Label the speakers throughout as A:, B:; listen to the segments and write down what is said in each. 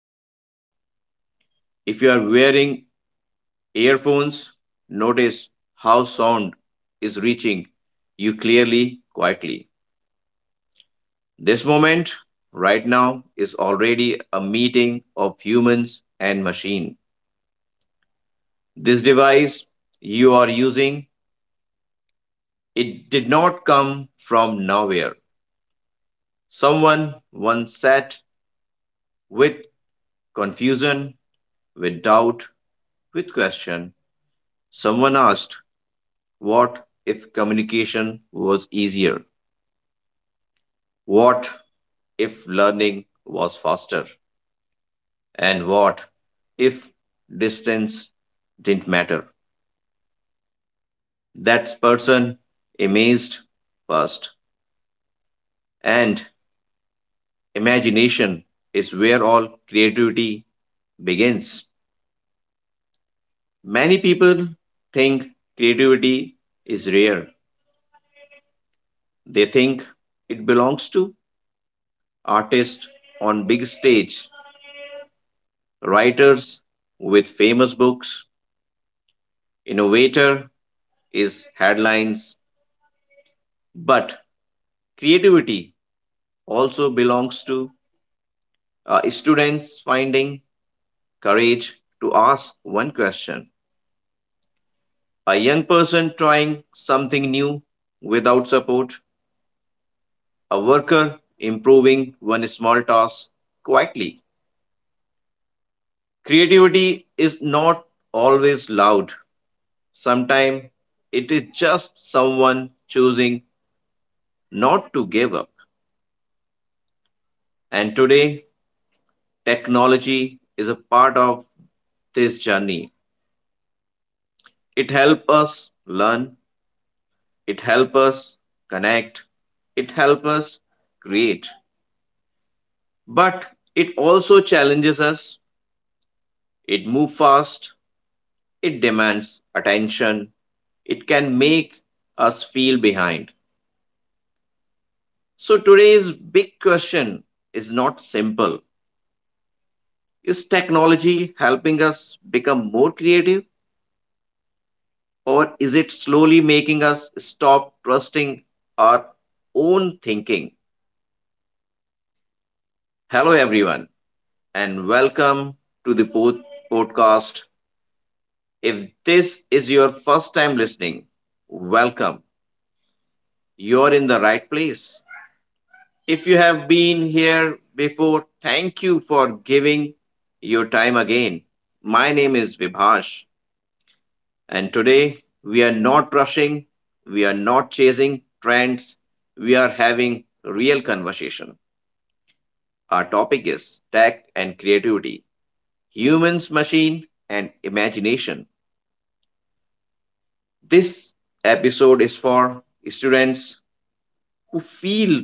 A: hand. If you are wearing earphones, notice how sound is reaching you clearly, quietly. This moment right now is already a meeting of humans and machine. This device you are using, it did not come from nowhere. Someone once sat with confusion, with doubt, with question. Someone asked, what if communication was easier? What if learning was faster? And what if distance didn't matter? That person amazed first and imagination is where all creativity begins. Many people think creativity is rare. They think it belongs to artists on big stage, writers with famous books, innovator is headlines, but creativity also belongs to students finding courage to ask one question. A young person trying something new without support, a worker improving one small task quietly. Creativity is not always loud. Sometimes it is just someone choosing not to give up. And today, technology is a part of this journey. It helps us learn, it helps us connect, it helps us create. But it also challenges us. It moves fast, it demands attention, it can make us feel behind. So today's big question is not simple. Is technology helping us become more creative or is it slowly making us stop trusting our own thinking? Hello everyone and welcome to the podcast. If this is your first time listening, welcome. You're in the right place. If you have been here before, thank you for giving your time again. My name is Vibhash, and today we are not rushing, we are not chasing trends, we are having real conversation. Our topic is tech and creativity, humans, machine, and imagination. This episode is for students who feel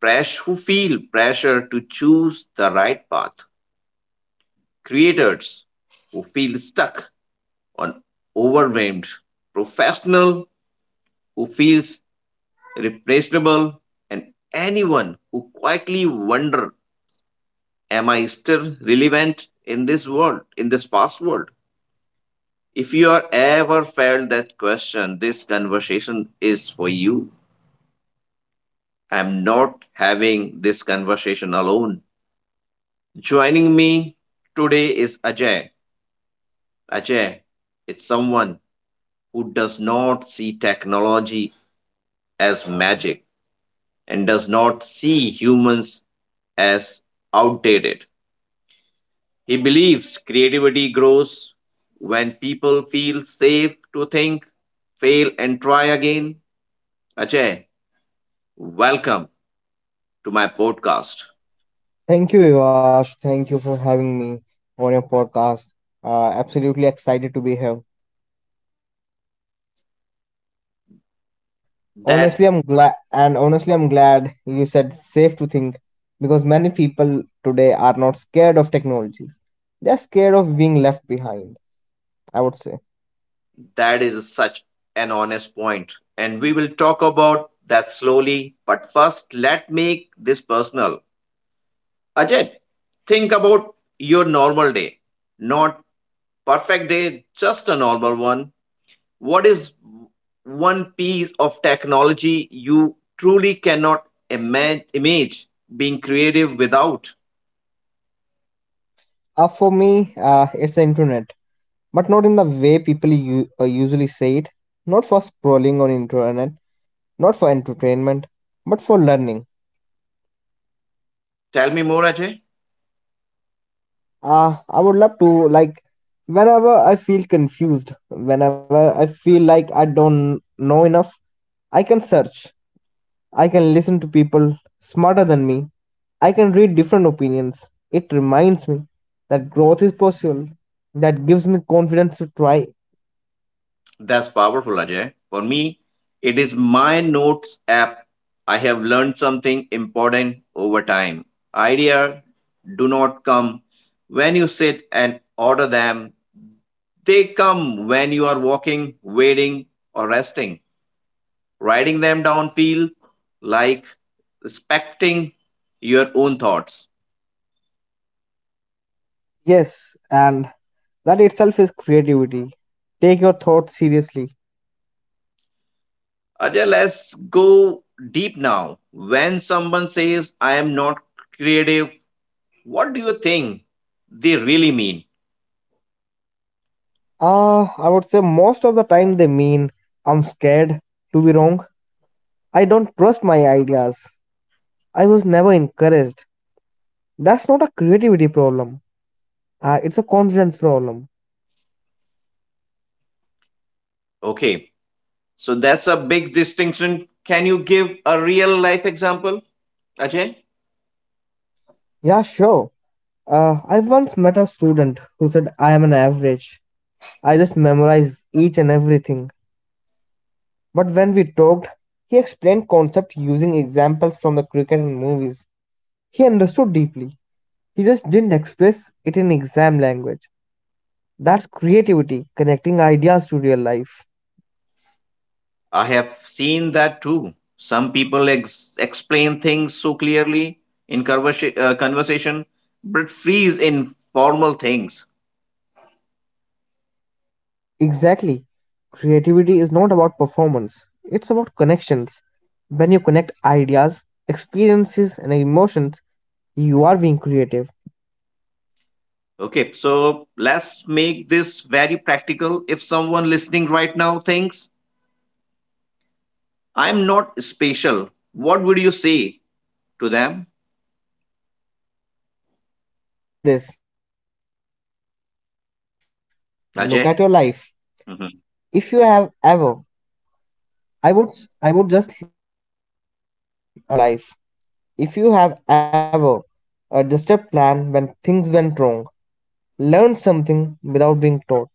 A: who feel pressure to choose the right path, creators who feel stuck on overwhelmed, professional who feels replaceable, and anyone who quietly wonder, am I still relevant in this world, in this fast world? If you are ever felt that question, this conversation is for you. I'm not having this conversation alone. Joining me today is Ajay. Ajay, it's someone who does not see technology as magic and does not see humans as outdated. He believes creativity grows when people feel safe to think, fail, and try again. Ajay, welcome to my podcast.
B: Thank you, Vivash. Thank you for having me on your podcast. Absolutely excited to be here. And
A: That
B: And honestly, I'm glad you said safe to think because many people today are not scared of technologies. They're scared of being left behind, I would say.
A: that is such an honest point, and we will talk about that slowly. But first, let make this personal. Ajay, think about your normal day, not perfect day, just a normal one. What is one piece of technology you truly cannot image being creative without?
B: For me, it's the internet, but not in the way people usually say it. Not for scrolling on internet, not for entertainment, but for learning.
A: Tell me more, Ajay.
B: I would love to, like whenever I feel confused, whenever I feel like I don't know enough, I can search. I can listen to people smarter than me. I can read different opinions. It reminds me that growth is possible. That gives me confidence to try.
A: That's powerful, Ajay. For me, it is my notes app. I have learned something important over time. Idea do not come when you sit and order them. They come when you are walking, waiting, or resting. Writing them down feel like respecting your own thoughts.
B: Yes, and that itself is creativity. Take your thoughts seriously.
A: Ajay, let's go deep now. When someone says, I am not creative, what do you think they really mean?
B: I would say most of the time they mean I'm scared to be wrong. I don't trust my ideas. I was never encouraged. That's not a creativity problem. It's a confidence problem.
A: Okay, so that's a big distinction. Can you give a real life example, Ajay?
B: Yeah, sure. I once met a student who said I am an average. I just memorize each and everything. But when we talked, he explained concept using examples from the cricket and movies. He understood deeply. He just didn't express it in exam language. That's creativity, connecting ideas to real life.
A: I have seen that too. Some people explain things so clearly in conversation, but freeze in formal things.
B: Exactly. Creativity is not about performance, it's about connections. When you connect ideas, experiences, and emotions, you are being creative.
A: Okay, so let's make this very practical. If someone listening right now thinks, I'm not special, what would you say to them,
B: I would say this: look at your life. If you have
A: Ajay?
B: ever,
A: Mhm.
B: I would, I would just, I would just say few things to them that look at your life. If you have ever just a plan when things went wrong, learn something without being taught,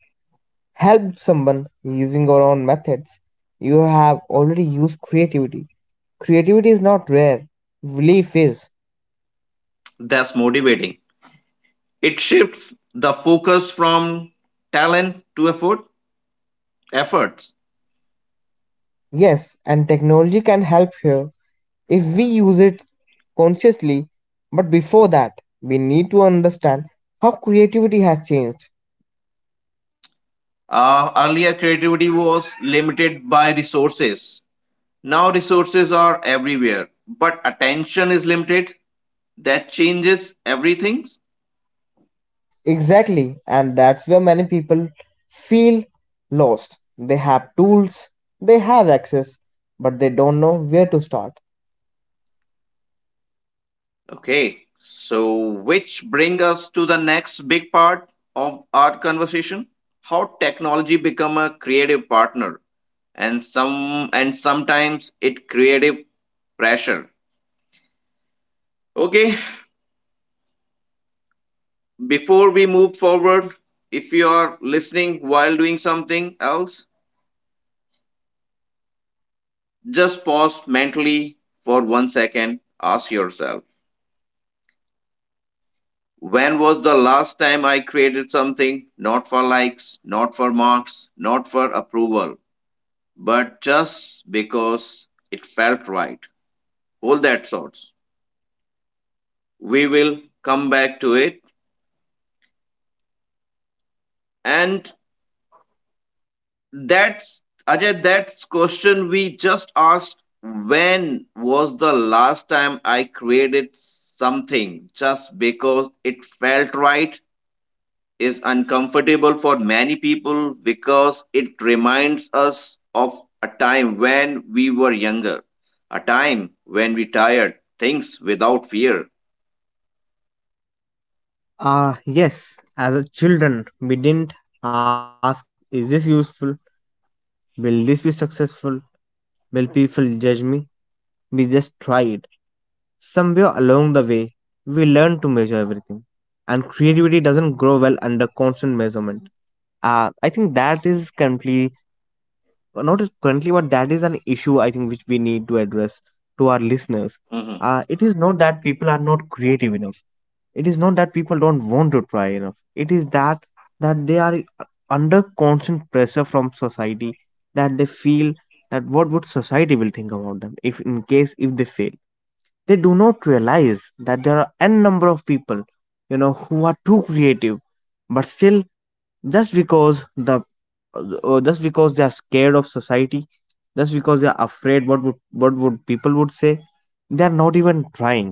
B: helped someone using your own methods, you have already used creativity. Creativity is not rare, relief is.
A: That's motivating. It shifts the focus from talent to effort, efforts.
B: Yes, and technology can help here if we use it consciously, but before that, we need to understand how creativity has changed.
A: Earlier, creativity was limited by resources. Now, resources are everywhere, but attention is limited. That changes everything.
B: Exactly, and that's where many people feel lost. They have tools, they have access, but they don't know where to start.
A: Okay, so which bring us to the next big part of our conversation, how technology become a creative partner and sometimes it creative pressure. Okay, before we move forward, if you are listening while doing something else, just pause mentally for 1 second, ask yourself, when was the last time I created something not for likes, not for marks, not for approval? But just because it felt right. All that sorts. We will come back to it. And that's Ajay, that's question we just asked when was the last time I created something just because it felt right is uncomfortable for many people because it reminds us of a time when we were younger, a time when we tired things without fear.
B: Yes, as a children, we didn't ask, is this useful? Will this be successful? Will people judge me? We just tried. Somewhere along the way, we learn to measure everything. And creativity doesn't grow well under constant measurement. I think that is completely not as currently, but that is an issue I think which we need to address to our listeners.
A: Mhm.
B: It is not that people are not creative enough. It is not that people don't want to try enough. It is that they are under constant pressure from society, that they feel that what would society will think about them if in case if they fail. They do not realize that there are n number of people, you know, who are too creative but still, just because the just because they are scared of society, just because they are afraid what would, what would people would say, they are not even trying.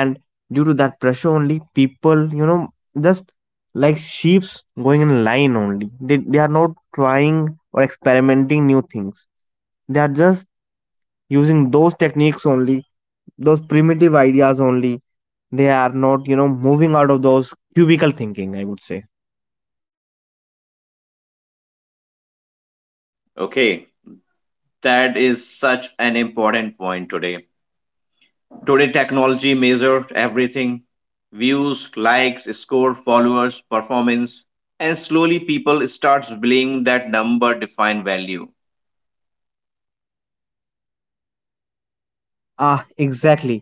B: And due to that pressure only, people, you know, just like sheeps going in line only, they are not trying or experimenting new things. They are just using those techniques only, those primitive ideas only. They are not, you know, moving out of those cubicle thinking, I would say.
A: Okay, that is such an important point today. Today, technology measures everything views, likes, score, followers, performance, and slowly people starts believing that number define value.
B: Ah, exactly.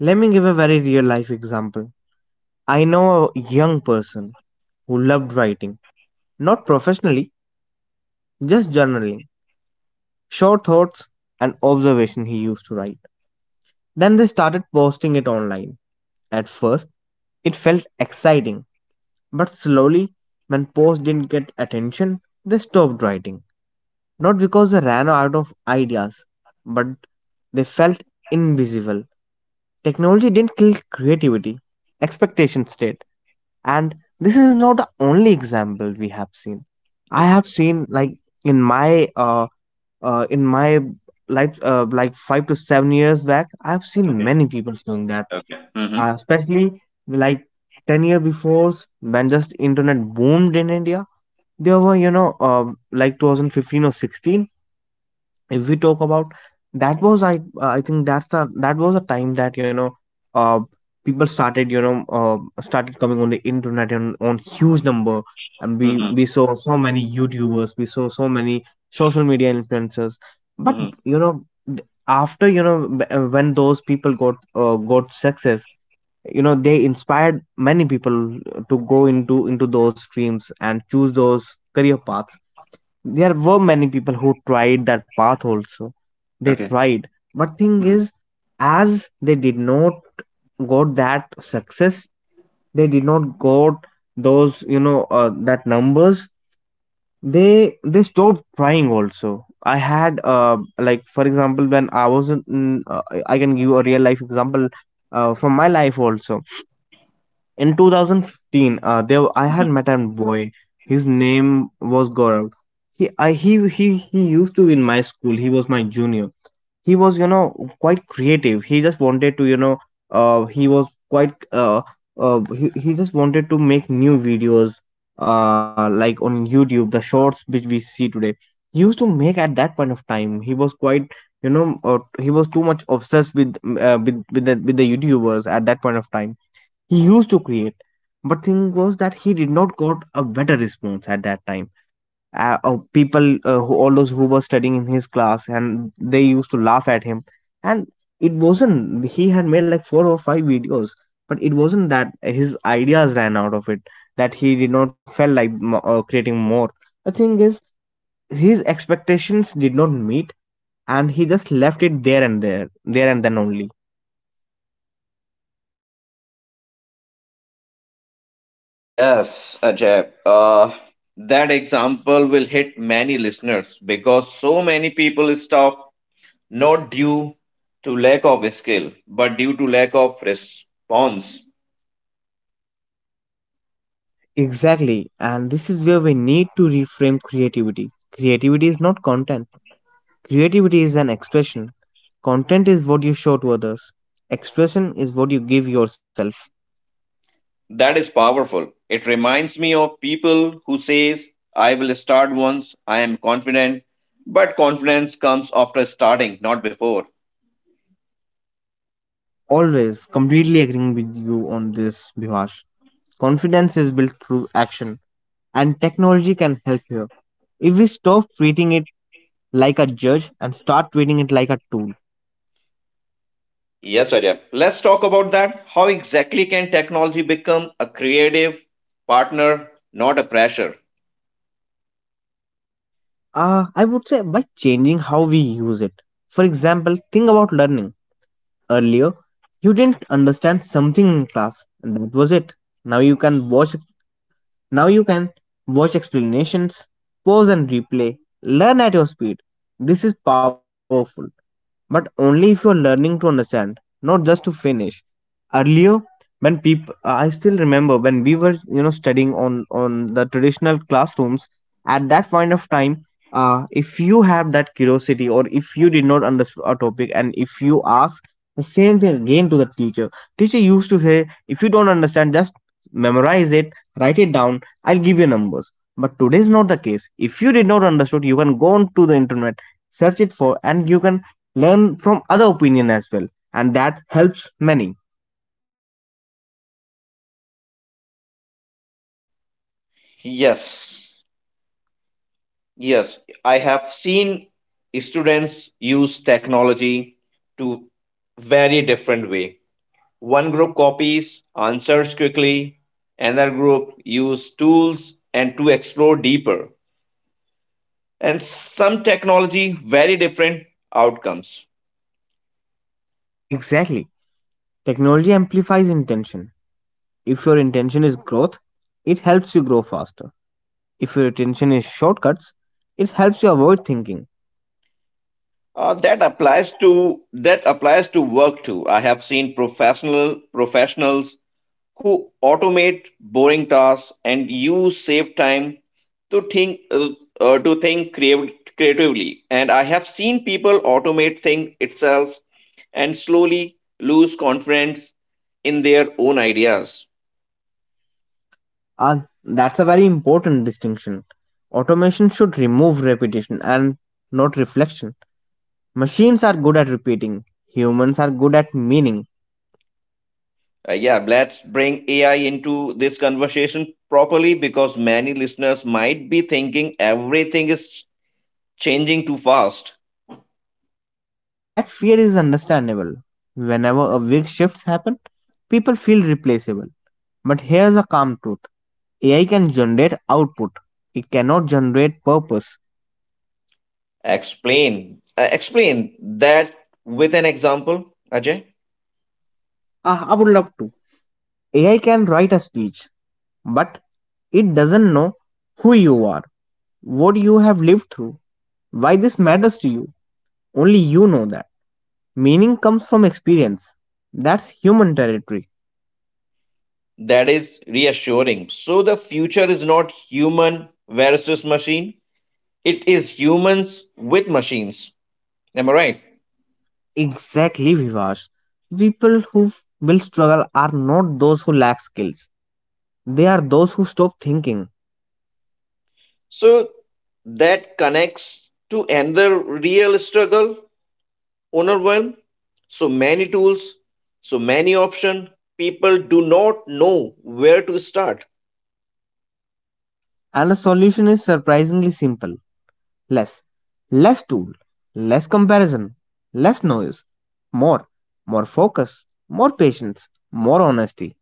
B: Let me give a very real life example. I know a young person who loved writing, not professionally, just journaling, short thoughts and observation he used to write. Then they started posting it online. At first, it felt exciting, but slowly, when posts didn't get attention, they stopped writing. Not because they ran out of ideas, but they felt invisible. Technology didn't kill creativity, expectations did. And this is not the only example we have seen. I have
A: Yes.
B: seen like in my uh, in my life, like 5 to 7 years back, I've seen
A: Okay.
B: many people doing that.
A: Okay. Mm-hmm.
B: Especially like 10 year before, when just internet boomed in India. There were, you know, like 2015 or 16, if we talk about, that was I think that was a time that, you know, uh people started, you know, started coming on the internet on huge number. And we
A: Mm-hmm.
B: we saw so many YouTubers, we saw so many social media influencers, but
A: Mm-hmm.
B: you know, th- after you know b- when those people got success, you know, they inspired many people to go into those streams and choose those career paths. There were many people who tried that path also, they
A: Okay.
B: tried, but thing is, as they did not got that success, they did not got those, you know, that numbers, they stopped trying also. I had like for example, when I was in, I can give a real life example from my life also. In 2015, there I
A: Mm-hmm.
B: had met a boy, his name was Gaurav. He used to be in my school, he was my junior. He was, you know, quite creative. He just wanted to, you know, he was quite he just wanted to make new videos, like on YouTube. The shorts which we see today, he used to make at that point of time. He was quite, you know, he was too much obsessed with with the YouTubers at that point of time. He used to create, but thing was that he did not got a better response at that time. People, all those who were studying in his class, and they used to laugh at him. And it wasn't, he had made like four or five videos, but it wasn't that his ideas ran out of it, that he did not felt like creating more. The thing is, his expectations did not meet, and he just left it there, and there and then only.
A: Yes, Ajay. That example will hit many listeners because so many people stop not due to lack of skill, but due to lack of response.
B: Exactly, and this is where we need to reframe creativity. Creativity is not content, creativity is an expression. Content is what you show to others, expression is what you give yourself.
A: That is powerful. It reminds me of people who says, I will start once, I am confident, but confidence comes after starting, not before.
B: Always completely agreeing with you on this, Bhivash. Confidence is built through action, and technology can help here if we stop treating it like a judge and start treating it like a tool.
A: Yes, Arya. Let's talk about that. How exactly can technology become a creative partner, not a pressure?
B: I would say by changing how we use it. For example, think about learning. Earlier, you didn't understand something in class, and that was it. Now you can watch Now you can watch explanations, pause and replay, learn at your speed. This is powerful, but only if you're learning to understand, not just to finish. Earlier, when people, I still remember when we were, you know, studying on the traditional classrooms. At that point of time, if you have that curiosity, or if you did not understand a topic and if you ask the same thing again to the teacher, teacher used to say, if you don't understand, just memorize it, write it down. I'll give you numbers. But today is not the case. If you did not understood, you can go on to the internet, search it for, and you can learn from other opinion as well, and that helps many.
A: Yes. Yes, I have seen students use technology to very different way. One group copies answers quickly, another group use tools and to explore deeper. And some technology very different outcomes.
B: Exactly, technology amplifies intention. If your intention is growth, it helps you grow faster. If your intention is shortcuts, it helps you avoid thinking.
A: That applies to work too. I have seen professionals who automate boring tasks and use save time to think uh, to think creatively. And I have seen people automate thing itself and slowly lose confidence in their own ideas.
B: Ah, that's a very important distinction. Automation should remove repetition and not reflection. Machines are good at repeating, humans are good at meaning.
A: Yeah, let's bring AI into this conversation properly because many listeners might be thinking everything is changing too fast.
B: That fear is understandable. Whenever a big shifts happen, people feel replaceable. But here's a calm truth: AI can generate output. It cannot generate purpose.
A: Explain that with an example, Ajay.
B: Ah, I would love to. AI can write a speech, but it doesn't know who you are, what you have lived through, why this matters to you. Only you know that. Meaning comes from experience. That's human territory.
A: That is reassuring. So the future is not human versus machine. It is humans with machines. Am I right?
B: Exactly, Vivash. People who will struggle are not those who lack skills. They are those who stop thinking.
A: So that connects to another real struggle, overwhelm. So many tools, so many options. People do not know where to start.
B: And the solution is surprisingly simple. less Less tool, less comparison, less noise, more more focus, more patience, more honesty.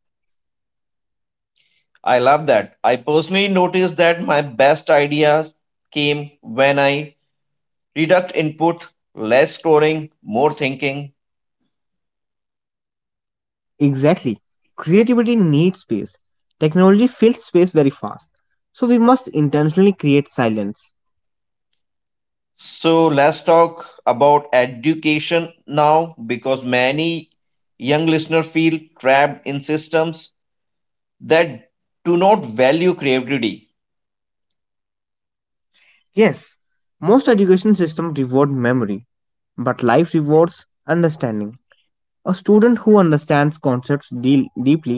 A: I love that. I personally noticed that my best ideas came when I reduced input, less scoring, more thinking.
B: Exactly, creativity needs space. Technology fills space very fast, so we must intentionally create silence.
A: So let's talk about education now because many young listeners feel trapped in systems that do not value creativity.
B: Yes, most education systems reward memory, but life rewards understanding. A student who understands concepts deal deeply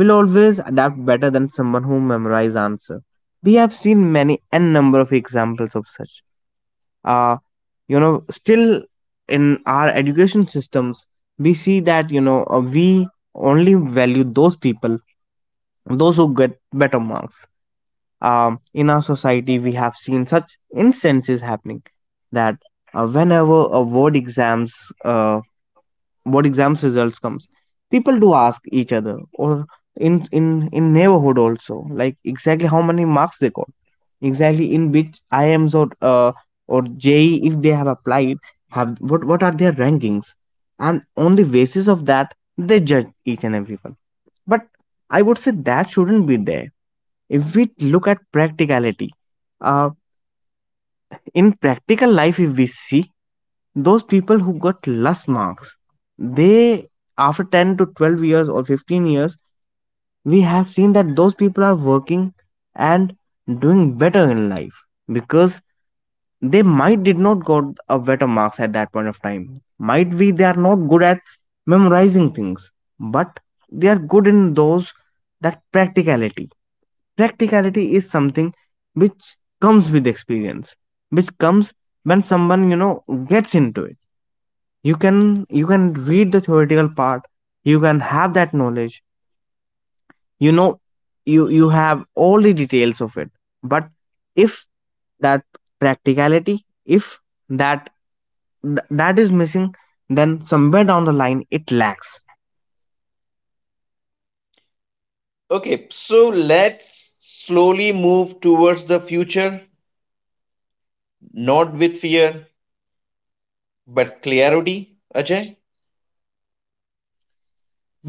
B: will always adapt better than someone who memorizes answer. We have seen many n number of examples of such. Uh, you know, still in our education systems, we see that, you know, we only value those people, those who get better marks. In our society, we have seen such instances happening that whenever a word exams, uh, what exams results comes, people do ask each other, or in in in neighborhood also, like exactly how many marks they got, exactly in which IMS or JEE if they have applied, have what are their rankings, and on the basis of that they judge each and everyone. But I would say that shouldn't be there. If we look at practicality, uh, in practical life if we see, those people who got less marks, they after 10 to 12 years or 15 years, we have seen that those people are working and doing better in life, because they might did not got a better marks at that point of time. Might be they are not good at memorizing things, but they are good in those, that practicality. Practicality is something which comes with experience, which comes when someone, you know, gets into it. You can read the theoretical part, you can have that knowledge, you know, you have all the details of it. But if that practicality, if that that is missing, then somewhere down the line it lacks.
A: Okay, so let's slowly move towards the future, not with fear, but clarity. Ajay?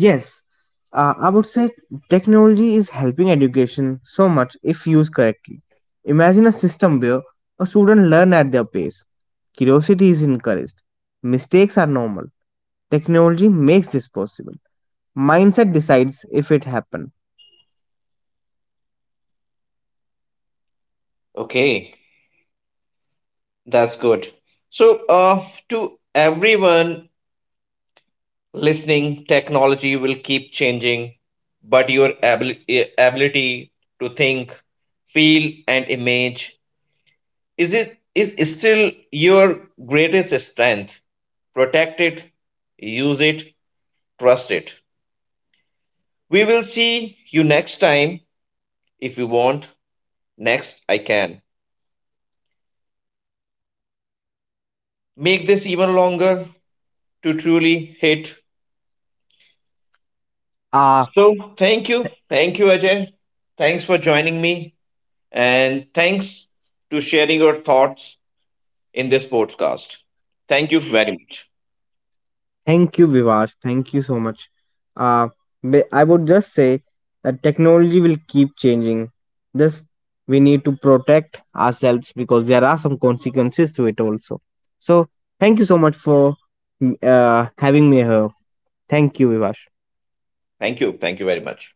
B: Yes, I would say technology is helping education so much if used correctly. Imagine a system where a student learn at their pace, curiosity is encouraged, mistakes are normal. Technology makes this possible. Mindset decides if it happen.
A: Okay. That's good. So, to everyone listening, technology will keep changing, but your ability to think, feel, and image is it is still your greatest strength. Protect it, use it, trust it. We will see you next time if you want. Next, I can make this even longer to truly hit.
B: Ah,
A: So thank you. Thank you, Ajay. Thanks for joining me. And thanks to sharing your thoughts in this podcast. Thank you very much.
B: thank you, Vivash. Thank you so much. Uh, I would just say that technology will keep changing. This we need to protect ourselves, because there are some consequences to it also. So, thank you so much for having me here. Thank you, Vivash.
A: Thank you. Thank you very much.